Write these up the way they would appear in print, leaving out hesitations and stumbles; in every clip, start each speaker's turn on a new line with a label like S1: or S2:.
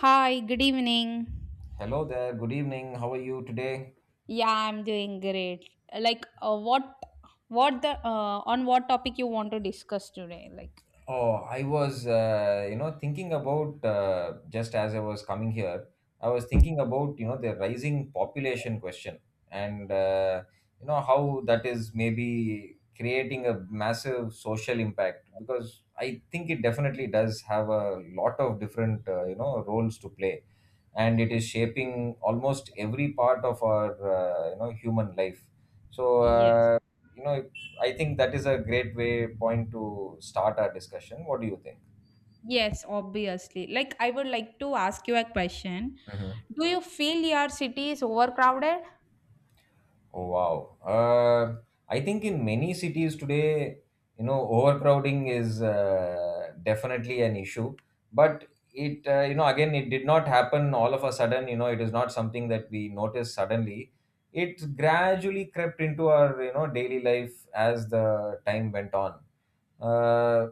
S1: Hi, good evening.
S2: Hello there. Good evening. How are you today?
S1: Yeah, I'm doing great. Like, on what topic you want to discuss today?
S2: Oh, I was, thinking about just as I was coming here, I was thinking about, the rising population question and, how that is maybe creating a massive social impact, because I think it definitely does have a lot of different, roles to play, and it is shaping almost every part of our, human life. So,
S1: Yes,
S2: you know, I think that is a great way point to start our discussion. What do you think?
S1: yes, obviously. Like, I would like to ask you a question.
S2: Hmm.
S1: Do you feel your city is overcrowded?
S2: Oh, wow. I think in many cities today, overcrowding is definitely an issue. But it, again, it did not happen all of a sudden. It is not something that we noticed suddenly. It gradually crept into our daily life as the time went on. Uh,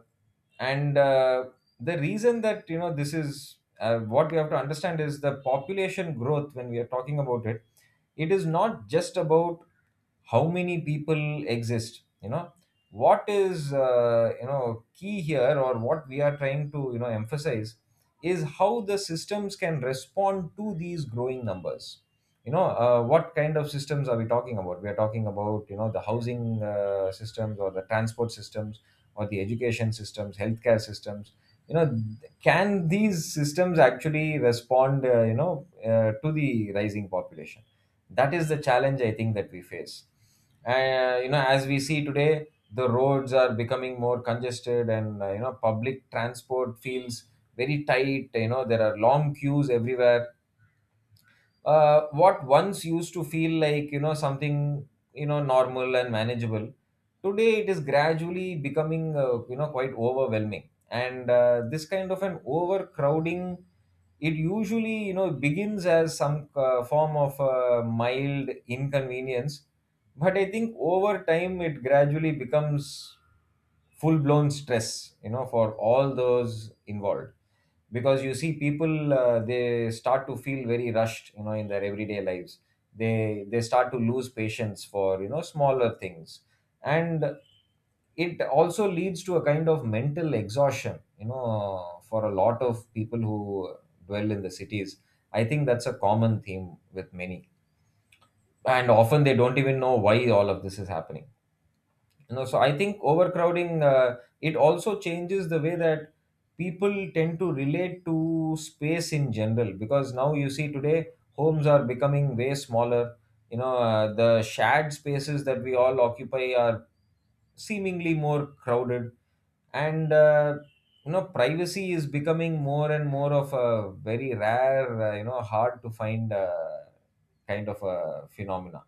S2: and the reason that this is, what we have to understand is the population growth. When we are talking about it, it is not just about how many people exist. What is, key here, or what we are trying to emphasize, is how the systems can respond to these growing numbers. What kind of systems are we talking about? We are talking about, the housing systems, or the transport systems, or the education systems, healthcare systems. You know can these systems actually respond, to the rising population? That is the challenge, I think, that we face. As we see today, the roads are becoming more congested, and public transport feels very tight. There are long queues everywhere. What once used to feel like, something, normal and manageable, today it is gradually becoming, quite overwhelming. And this kind of an overcrowding, it usually begins as some form of mild inconvenience, but I think over time it gradually becomes full blown stress, for all those involved. Because you see people, they start to feel very rushed, in their everyday lives. They start to lose patience for, smaller things, and it also leads to a kind of mental exhaustion, for a lot of people who dwell in the cities. I think that's a common theme with many, and often they don't even know why all of this is happening. So I think overcrowding, it also changes the way that people tend to relate to space in general. Because now you see today homes are becoming way smaller. The shared spaces that we all occupy are seemingly more crowded, and privacy is becoming more and more of a very rare, hard to find, kind of a phenomena.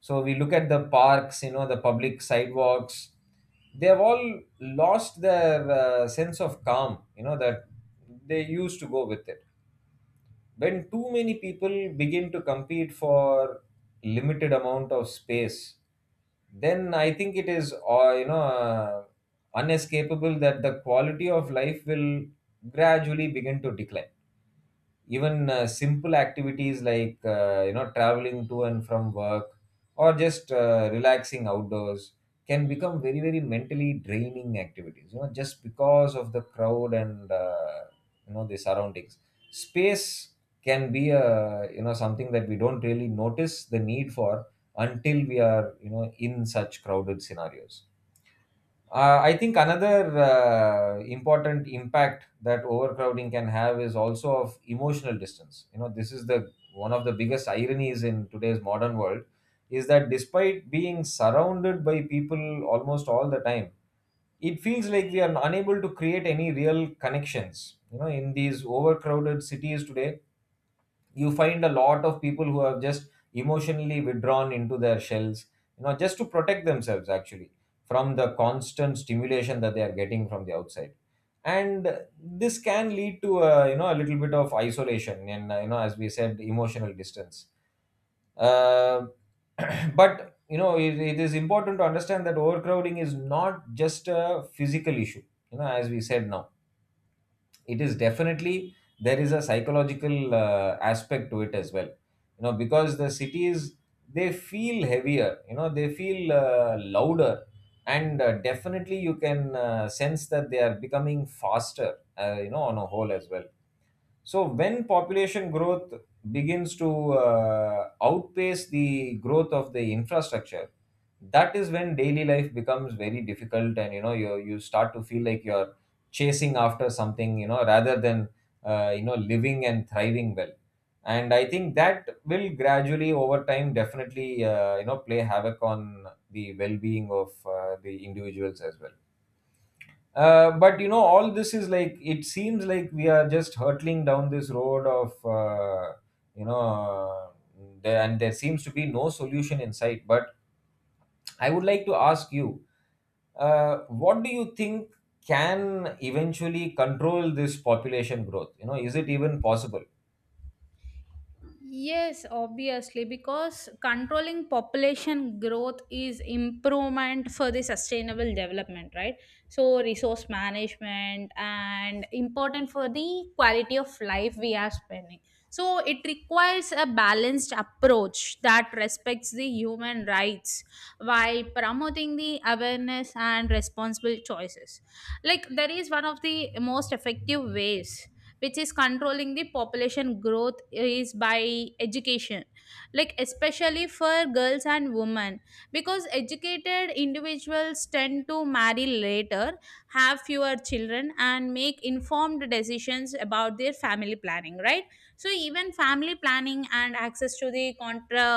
S2: So we look at the parks, the public sidewalks, they have all lost their sense of calm, that they used to go with it. When too many people begin to compete for limited amount of space, then I think it is, uh, you know uh, unescapable that the quality of life will gradually begin to decline. Even simple activities like, traveling to and from work, or just relaxing outdoors, can become very, very mentally draining activities, just because of the crowd and, the surroundings. Space can be a, something that we don't really notice the need for, until we are, in such crowded scenarios. I think another, important impact that overcrowding can have is also of emotional distance. This is the one of the biggest ironies in today's modern world, is that despite being surrounded by people almost all the time, it feels like we are unable to create any real connections. In these overcrowded cities today, you find a lot of people who have just emotionally withdrawn into their shells, just to protect themselves actually from the constant stimulation that they are getting from the outside, and this can lead to a, a little bit of isolation, and, as we said, emotional distance. uh, but it is important to understand that overcrowding is not just a physical issue. As we said now, it is definitely — there is a psychological, aspect to it as well, because the cities, they feel heavier, they feel, louder, and definitely you can sense that they are becoming faster, on a whole as well. So when population growth begins to outpace the growth of the infrastructure, that is when daily life becomes very difficult, and you start to feel like you're chasing after something, rather than, living and thriving well. And I think that will gradually over time definitely, play havoc on the well-being of the individuals as well. But all this is like it seems like we are just hurtling down this road of, you know, uh, there, and there seems to be no solution in sight. But I would like to ask you, what do you think can eventually control this population growth? Is it even possible?
S1: Yes, obviously, because controlling population growth is improvement for the sustainable development, right? So resource management and important for the quality of life we are spending. So it requires a balanced approach that respects the human rights while promoting the awareness and responsible choices. Like there is one of the most effective ways which is controlling the population growth is by education, like especially for girls and women, because educated individuals tend to marry later, have fewer children, and make informed decisions about their family planning, right? So even family planning and access to the contra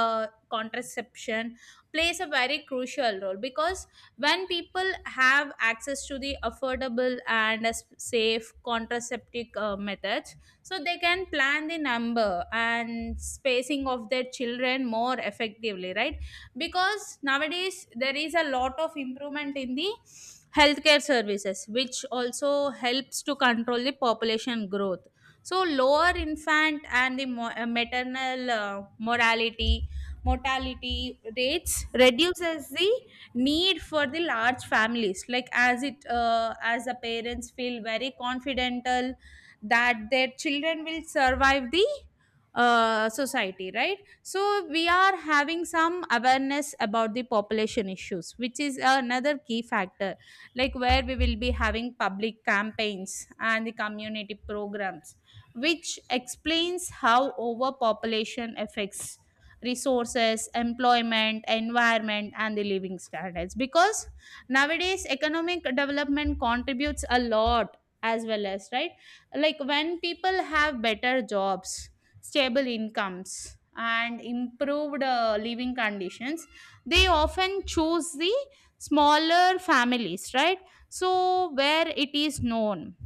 S1: contraception plays a very crucial role, because when people have access to the affordable and safe contraceptive methods, so they can plan the number and spacing of their children more effectively, right? Because nowadays there is a lot of improvement in the healthcare services, which also helps to control the population growth. So lower infant and the maternal morality mortality rates reduces the need for the large families, like as the parents feel very confidential that their children will survive the society, right? So we are having some awareness about the population issues, which is another key factor, like where we will be having public campaigns and the community programs which explains how overpopulation affects resources, employment, environment, and the living standards. Because nowadays, economic development contributes a lot as well as, right? Like when people have better jobs, stable incomes, and improved living conditions, they often choose the smaller families, right? So, where it is known,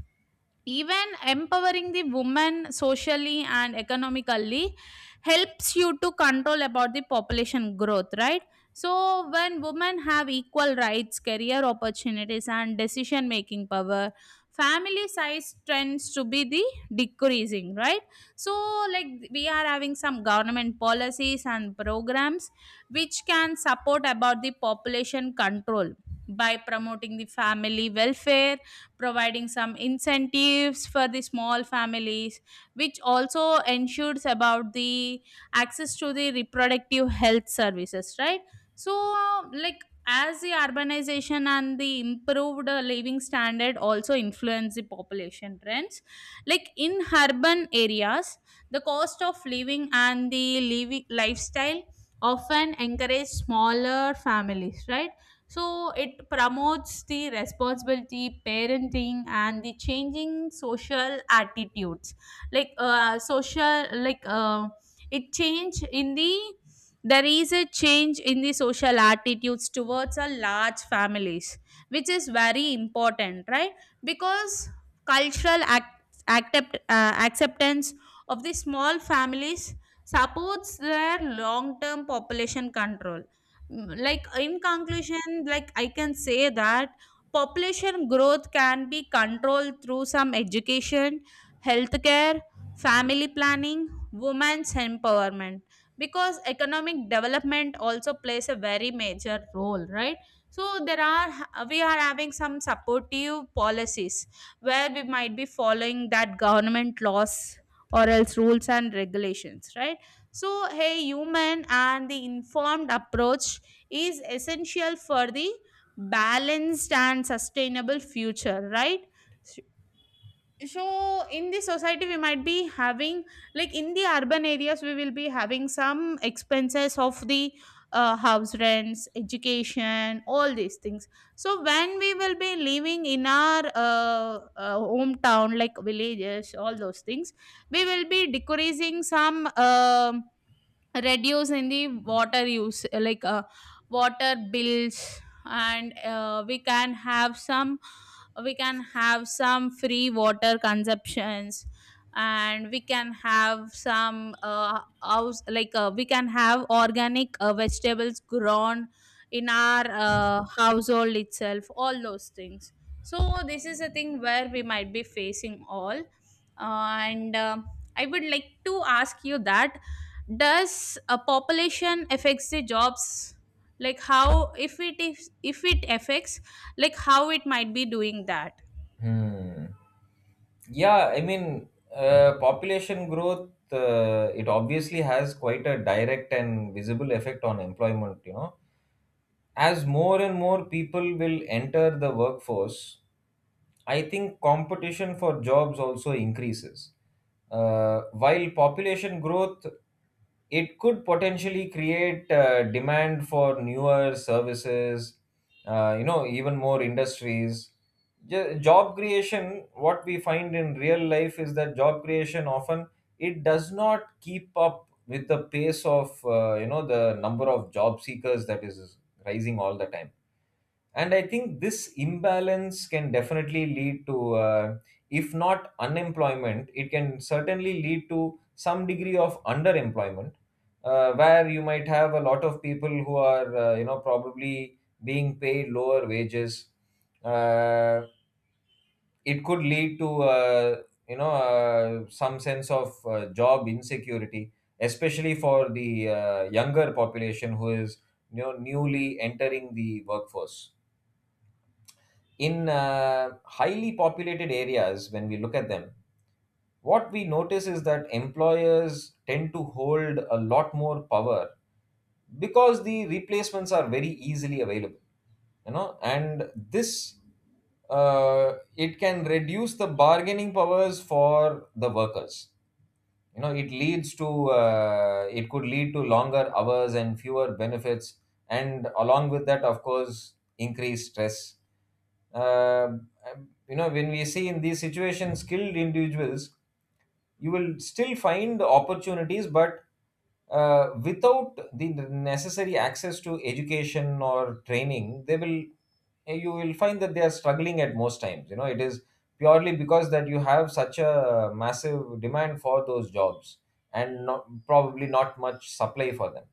S1: even empowering the woman socially and economically helps you to control about the population growth, right? So when women have equal rights, career opportunities, and decision making power, family size tends to be the decreasing, right? So, like, we are having some government policies and programs which can support about the population control by promoting the family welfare, providing some incentives for the small families, which also ensures about the access to the reproductive health services, right? So, like, as the urbanization and the improved living standard also influence the population trends, like in urban areas the cost of living and the living lifestyle often encourage smaller families, right? So it promotes the responsibility, parenting, and the changing social attitudes. Like social, like it change in the There is a change in the social attitudes towards a large families, which is very important, right? Because cultural acceptance of the small families supports their long-term population control. Mm, like in conclusion, like, I can say that population growth can be controlled through some education, healthcare, family planning, women's empowerment, because economic development also plays a very major role, right? So there are we are having some supportive policies where we might be following that government laws or else rules and regulations, right? So a human and the informed approach is essential for the balanced and sustainable future, right? So in the society we might be having, like in the urban areas we will be having some expenses of the house rents, education, all these things. So when we will be living in our hometown, like villages, all those things, we will be decreasing some, um, reduce in the water use, like, water bills, and we can have some, we can have some free water consumptions, and we can have some house like we can have organic vegetables grown in our household itself, all those things. So this is a thing where we might be facing all, and I would like to ask you that, does a population affects the jobs, like how, if it affects, like how it might be doing that?
S2: Hmm. Yeah, I mean, population growth, it obviously has quite a direct and visible effect on employment. As more and more people will enter the workforce, I think competition for jobs also increases. While population growth, it could potentially create, demand for newer services, even more industries. Job creation, what we find in real life is that job creation often, it does not keep up with the pace of, the number of job seekers that is rising all the time. And I think this imbalance can definitely lead to, if not unemployment, it can certainly lead to some degree of underemployment, where you might have a lot of people who are, probably being paid lower wages. Uh, it could lead to, some sense of, job insecurity, especially for the, younger population who is, newly entering the workforce. In highly populated areas, when we look at them, what we notice is that employers tend to hold a lot more power, because the replacements are very easily available, and this, it can reduce the bargaining powers for the workers. It leads to, it could lead to longer hours and fewer benefits, and along with that, of course, increased stress. Uh, you know when we see in these situations, skilled individuals, you will still find opportunities, but without the necessary access to education or training, they will you will find that they are struggling at most times. It is purely because that you have such a massive demand for those jobs, and not, probably not much supply for them.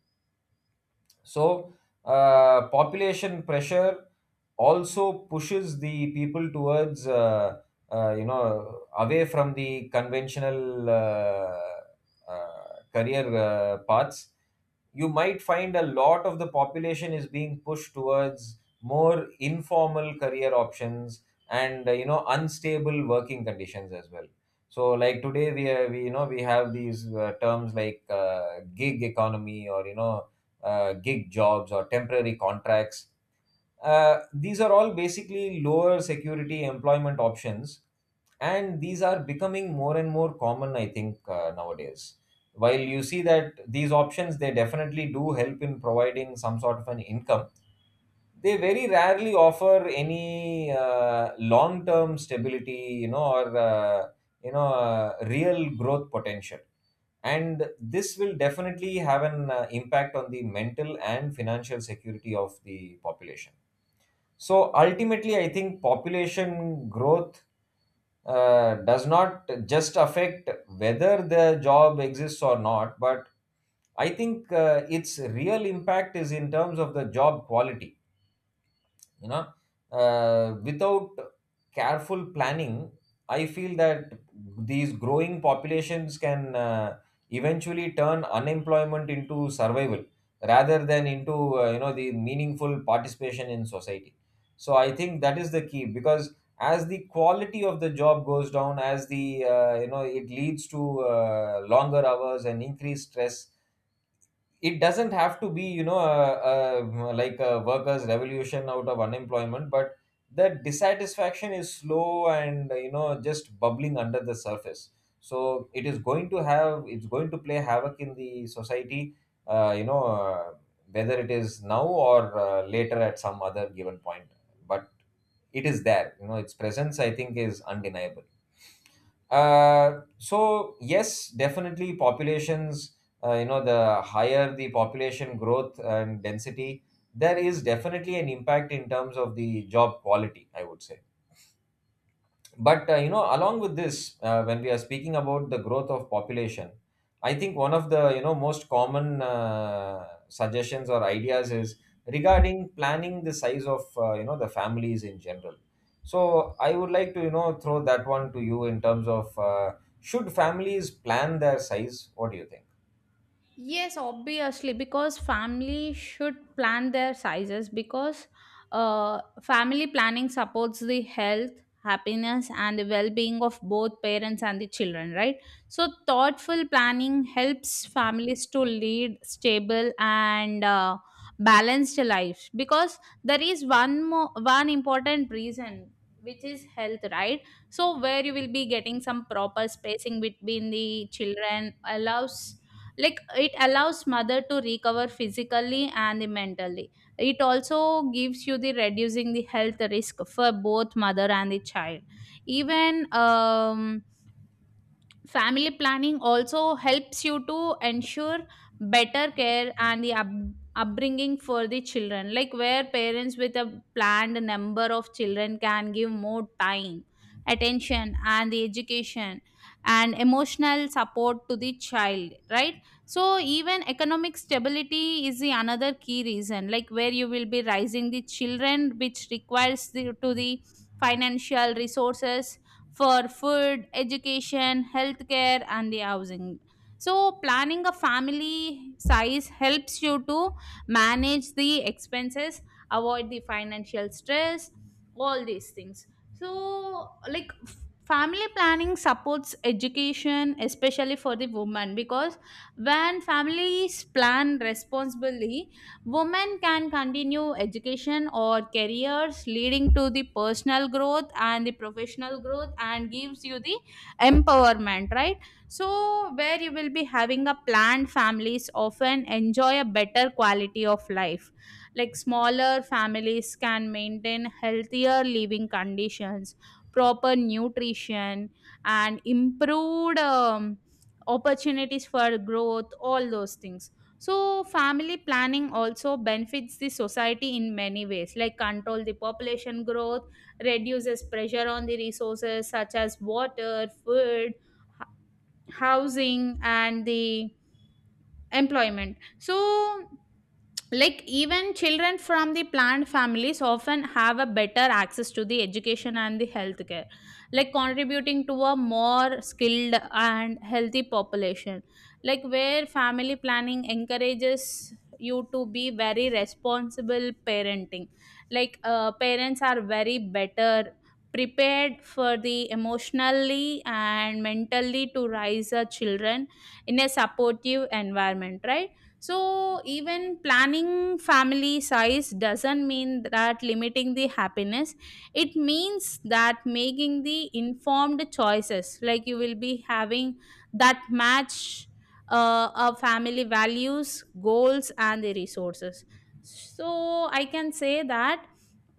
S2: So, population pressure also pushes the people towards, away from the conventional, career, paths. You might find a lot of the population is being pushed towards more informal career options, and unstable working conditions as well. So, like today we you know we have these, terms like, gig economy, or, gig jobs or temporary contracts. These are all basically lower security employment options, and these are becoming more and more common, I think, nowadays. While you see that these options, they definitely do help in providing some sort of an income, they very rarely offer any long term stability, you know, or real growth potential. And this will definitely have an impact on the mental and financial security of the population. So ultimately, I think population growth does not just affect whether the job exists or not, but I think its real impact is in terms of the job quality you know Without careful planning, I feel that these growing populations can eventually turn unemployment into survival rather than into the meaningful participation in society. So I think that is the key, because as the quality of the job goes down, as the it leads to longer hours and increased stress. It doesn't have to be, like, a workers revolution out of unemployment, but the dissatisfaction is slow and, just bubbling under the surface. So it is going to have it's going to play havoc in the society, uh, you know uh, whether it is now or later at some other given point. But it is there. You know, its presence, I think, is undeniable. So yes, definitely populations, the higher the population growth and density, there is definitely an impact in terms of the job quality, I would say. But along with this, when we are speaking about the growth of population, I think one of the, most common suggestions or ideas is regarding planning the size of, the families in general. So I would like to, throw that one to you in terms of, should families plan their size? What do you think?
S1: Yes, obviously, because family should plan their sizes, because family planning supports the health, happiness, and the well being of both parents and the children, right? So, thoughtful planning helps families to lead stable and balanced lives, because there is one important reason which is health, right? So where you will be getting some proper spacing between the children allows, like it allows mother to recover physically and mentally, it also gives you the reducing the health risk for both mother and the child. Even, um, family planning also helps you to ensure better care and the upbringing for the children, like where parents with a planned number of children can give more time, attention, and the education and emotional support to the child, right? So even economic stability is the another key reason, like where you will be raising the children, which requires the, to the financial resources for food, education, healthcare, and the housing. So, planning a family size helps you to manage the expenses, avoid the financial stress, all these things. So, family planning supports education, especially for the woman, because when families plan responsibly, women can continue education or careers, leading to the personal growth and the professional growth, and gives you the empowerment, right? So, where you will be having a planned families often enjoy a better quality of life. Like smaller families can maintain healthier living conditions, proper nutrition, and improved, opportunities for growth, all those things. So, family planning also benefits the society in many ways, like control the population growth, reduces pressure on the resources such as water, food, h- housing, and the employment. So, like, even children from the planned families often have a better access to the education and the healthcare, like contributing to a more skilled and healthy population, like where family planning encourages you to be very responsible parenting, like parents are very better prepared for the emotionally and mentally to raise a children in a supportive environment, right? So, even planning family size doesn't mean that limiting the happiness. It means that making the informed choices, like you will be having that match our family values, goals, and the resources. So, I can say that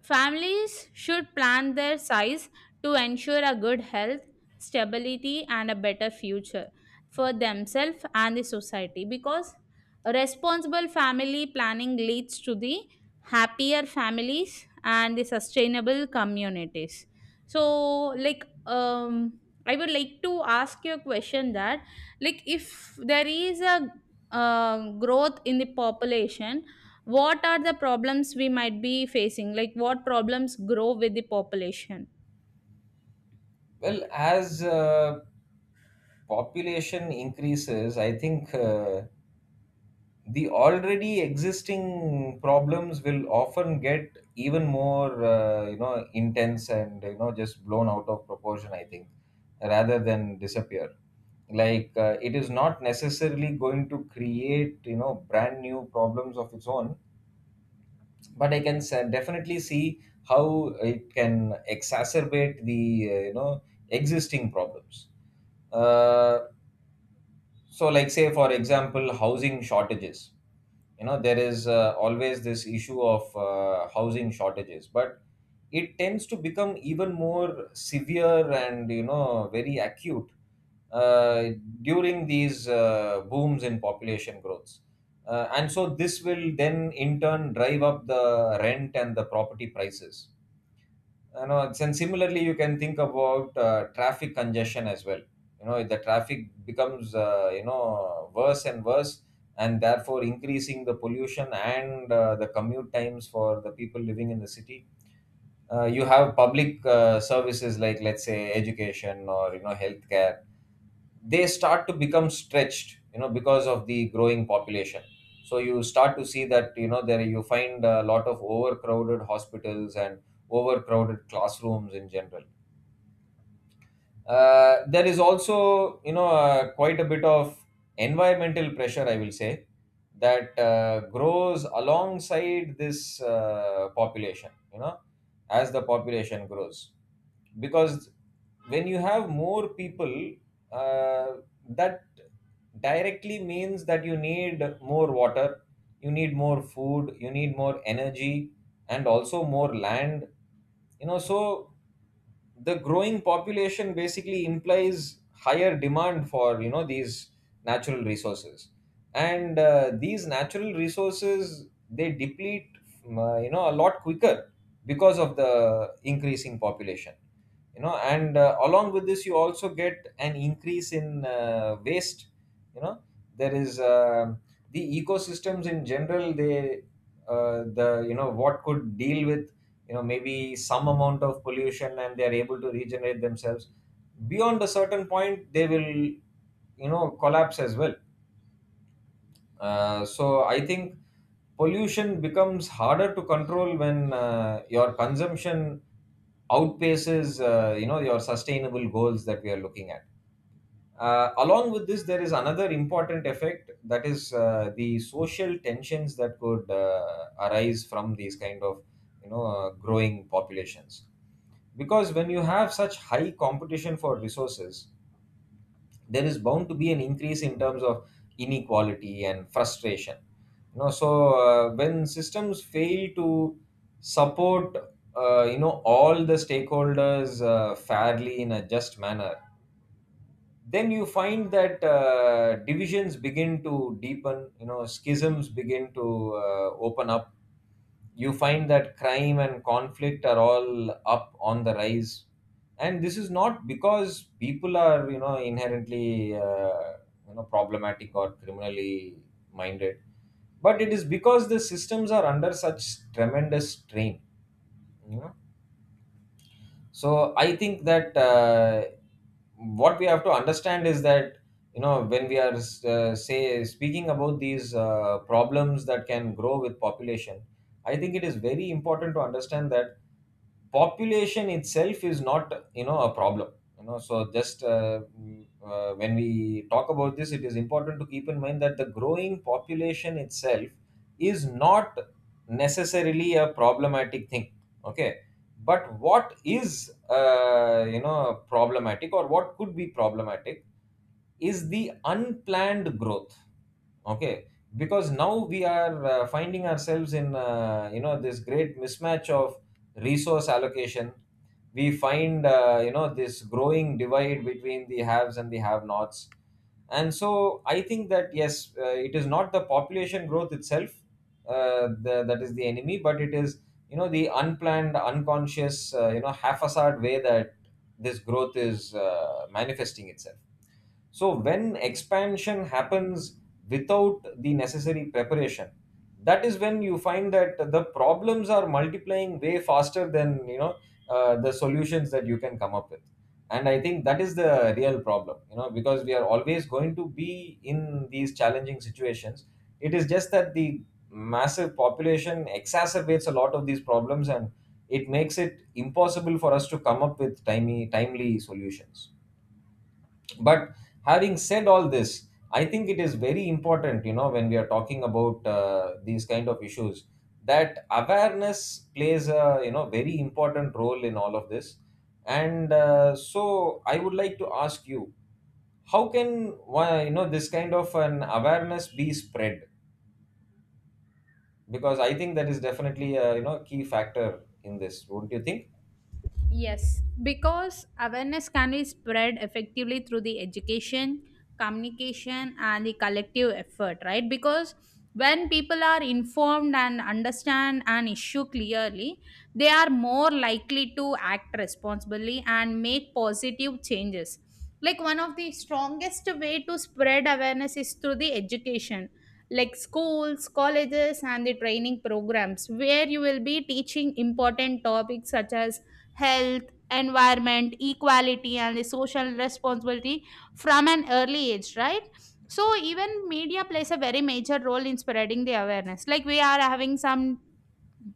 S1: families should plan their size to ensure a good health, stability, and a better future for themselves and the society, because responsible family planning leads to the happier families and the sustainable communities. So, like, I would like to ask you a question that, like, if there is a growth in the population, what are the problems we might be facing? Like, what problems grow with the population?
S2: Well, as population increases, I think, the already existing problems will often get even more intense and, you know, just blown out of proportion, I think, rather than disappear. Like, it is not necessarily going to create, you know, brand new problems of its own, but I can definitely see how it can exacerbate the existing problems. Uh, so, like, say for example, housing shortages. You know, there is, always this issue of housing shortages, but it tends to become even more severe and, you know, very acute uh, during these booms in population growths. And so this will then in turn drive up the rent and the property prices. You know, and similarly you can think about traffic congestion as well. You know, if the traffic becomes, worse and worse, and therefore increasing the pollution and the commute times for the people living in the city. You have public services like, let's say, education or, you know, healthcare. They start to become stretched, you know, because of the growing population. So you start to see that, you know, there you find a lot of overcrowded hospitals and overcrowded classrooms in general. There is also, quite a bit of environmental pressure, I will say, that grows alongside this population, as the population grows. Because when you have more people, uh, that directly means that you need more water, you need more food, you need more energy, and also more land. You know, so the growing population basically implies higher demand for, these natural resources. And these natural resources, they deplete you know, a lot quicker because of the increasing population. You know, and along with this, you also get an increase in waste. You know, there is, the ecosystems in general, they the you know, what could deal with, you know, maybe some amount of pollution, and they are able to regenerate themselves. Beyond a certain point, they will, you know, collapse as well. So I think pollution becomes harder to control when your consumption outpaces, your sustainable goals that we are looking at. Along with this, there is another important effect, that is the social tensions that could arise from these kind of, growing populations. Because when you have such high competition for resources, there is bound to be an increase in terms of inequality and frustration. You know, so when systems fail to support all the stakeholders fairly, in a just manner, then you find that divisions begin to deepen. You know, schisms begin to open up. You find that crime and conflict are all up on the rise, and this is not because people are, you know, inherently, problematic or criminally minded, but it is because the systems are under such tremendous strain. You know, so I think that, what we have to understand is that, you know, when we are, say, speaking about these problems that can grow with population, I think it is very important to understand that population itself is not, you know, a problem. You know, so just when we talk about this, it is important to keep in mind that the growing population itself is not necessarily a problematic thing. Okay? But what is, problematic, or what could be problematic, is the unplanned growth. Okay? Because now we are, finding ourselves in, this great mismatch of resource allocation. We find, this growing divide between the haves and the have nots. And so I think that yes, it is not the population growth itself, that is the enemy, but it is, you know, the unplanned, unconscious, haphazard way that this growth is manifesting itself. So when expansion happens without the necessary preparation, that is when you find that the problems are multiplying way faster than, you know, the solutions that you can come up with. And I think that is the real problem, you know, because we are always going to be in these challenging situations. It is just that the massive population exacerbates a lot of these problems, and it makes it impossible for us to come up with timely solutions. But having said all this, I think it is very important, you know, when we are talking about these kind of issues, that awareness plays a, you know, very important role in all of this. And so I would like to ask you, how can you know, this kind of an awareness be spread? Because I think that is definitely a, you know, key factor in this, wouldn't you think?
S1: Yes, because awareness can be spread effectively through the education, communication, and the collective effort, right? Because when people are informed and understand an issue clearly, they are more likely to act responsibly and make positive changes. Like one of the strongest way to spread awareness is through the education, like schools, colleges, and the training programs where you will be teaching important topics such as health, environment, equality, and the social responsibility from an early age, right? So even media plays a very major role in spreading the awareness. Like we are having some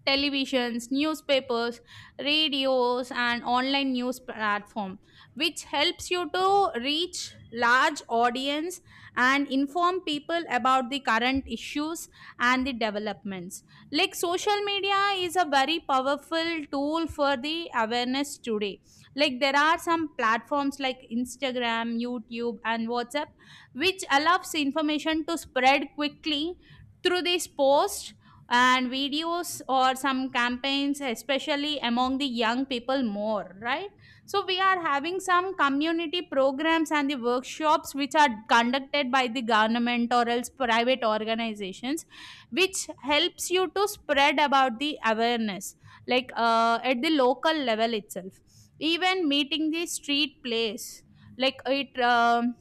S1: televisions, newspapers, radios, and online news platform, which helps you to reach large audience and inform people about the current issues and the developments. Like social media is a very powerful tool for the awareness today. Like there are some platforms like Instagram, YouTube, and WhatsApp, which allows information to spread quickly through these posts and videos or some campaigns, especially among the young people more, right? So we are having some community programs and the workshops which are conducted by the government or else private organizations, which helps you to spread about the awareness, like at the local level itself, even meeting the street place, like it, um,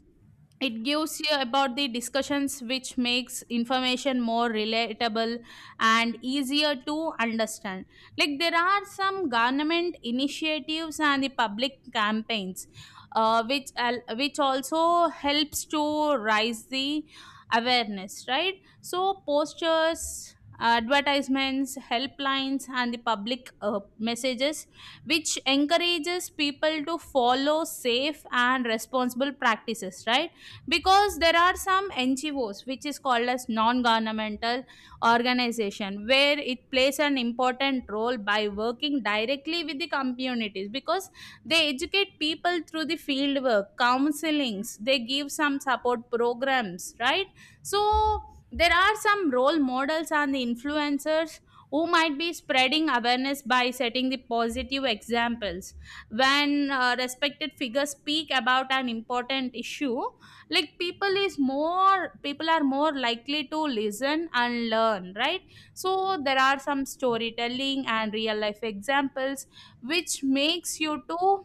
S1: it gives you about the discussions which makes information more relatable and easier to understand. Like there are some government initiatives and the public campaigns, which also helps to raise the awareness, right? So posters, advertisements, helplines, and the public messages which encourages people to follow safe and responsible practices, right? Because there are some NGOs, which is called as non-governmental organization, where it plays an important role by working directly with the communities, because they educate people through the field work, counselings, they give some support programs, right? So there are some role models and the influencers who might be spreading awareness by setting the positive examples. When respected figures speak about an important issue, like people is more people are more likely to listen and learn, right? So there are some storytelling and real life examples which makes you to,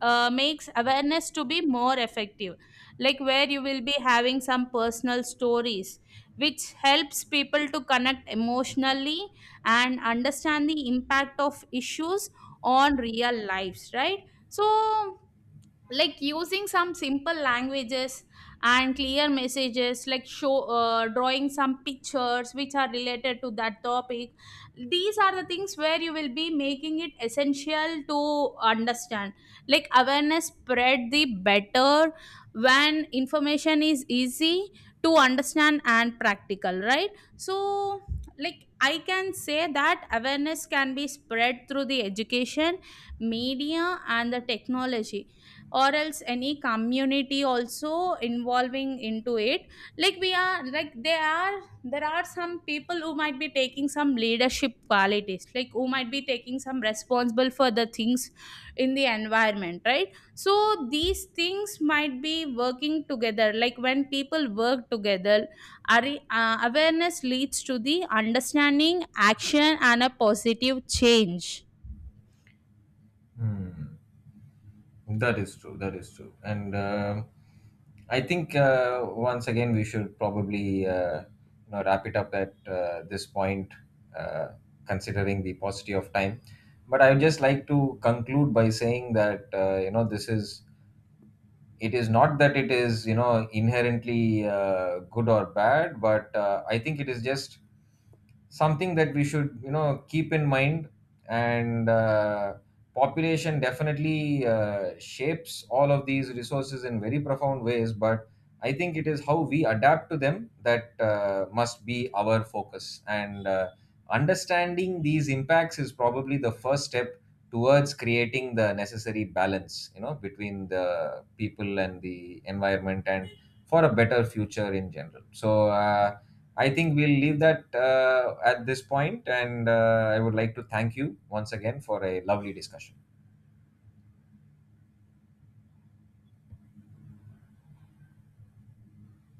S1: makes awareness to be more effective, like where you will be having some personal stories which helps people to connect emotionally and understand the impact of issues on real lives, right? So, like using some simple languages and clear messages, like show, drawing some pictures which are related to that topic, these are the things where you will be making it essential to understand. Like awareness spread the better when information is easy to understand and practical, right? So, like I can say that awareness can be spread through the education, media and the technology, or else any community also involving into it, like we are like there are, some people who might be taking some leadership qualities, like who might be taking some responsible for the things in the environment, right? So these things might be working together, like when people work together, are- awareness leads to the understanding, action, and a positive change.
S2: Hmm. That is true. That is true. And I think, once again, we should probably, wrap it up at, this point, uh, considering the paucity of time. But I would just like to conclude by saying that, this is, it is not that it is, you know, inherently, good or bad, but I think it is just something that we should, you know, keep in mind. And population definitely shapes all of these resources in very profound ways, but I think it is how we adapt to them that must be our focus. And understanding these impacts is probably the first step towards creating the necessary balance, you know, between the people and the environment, and for a better future in general. So I think we'll leave that at this point, and I would like to thank you once again for a lovely discussion.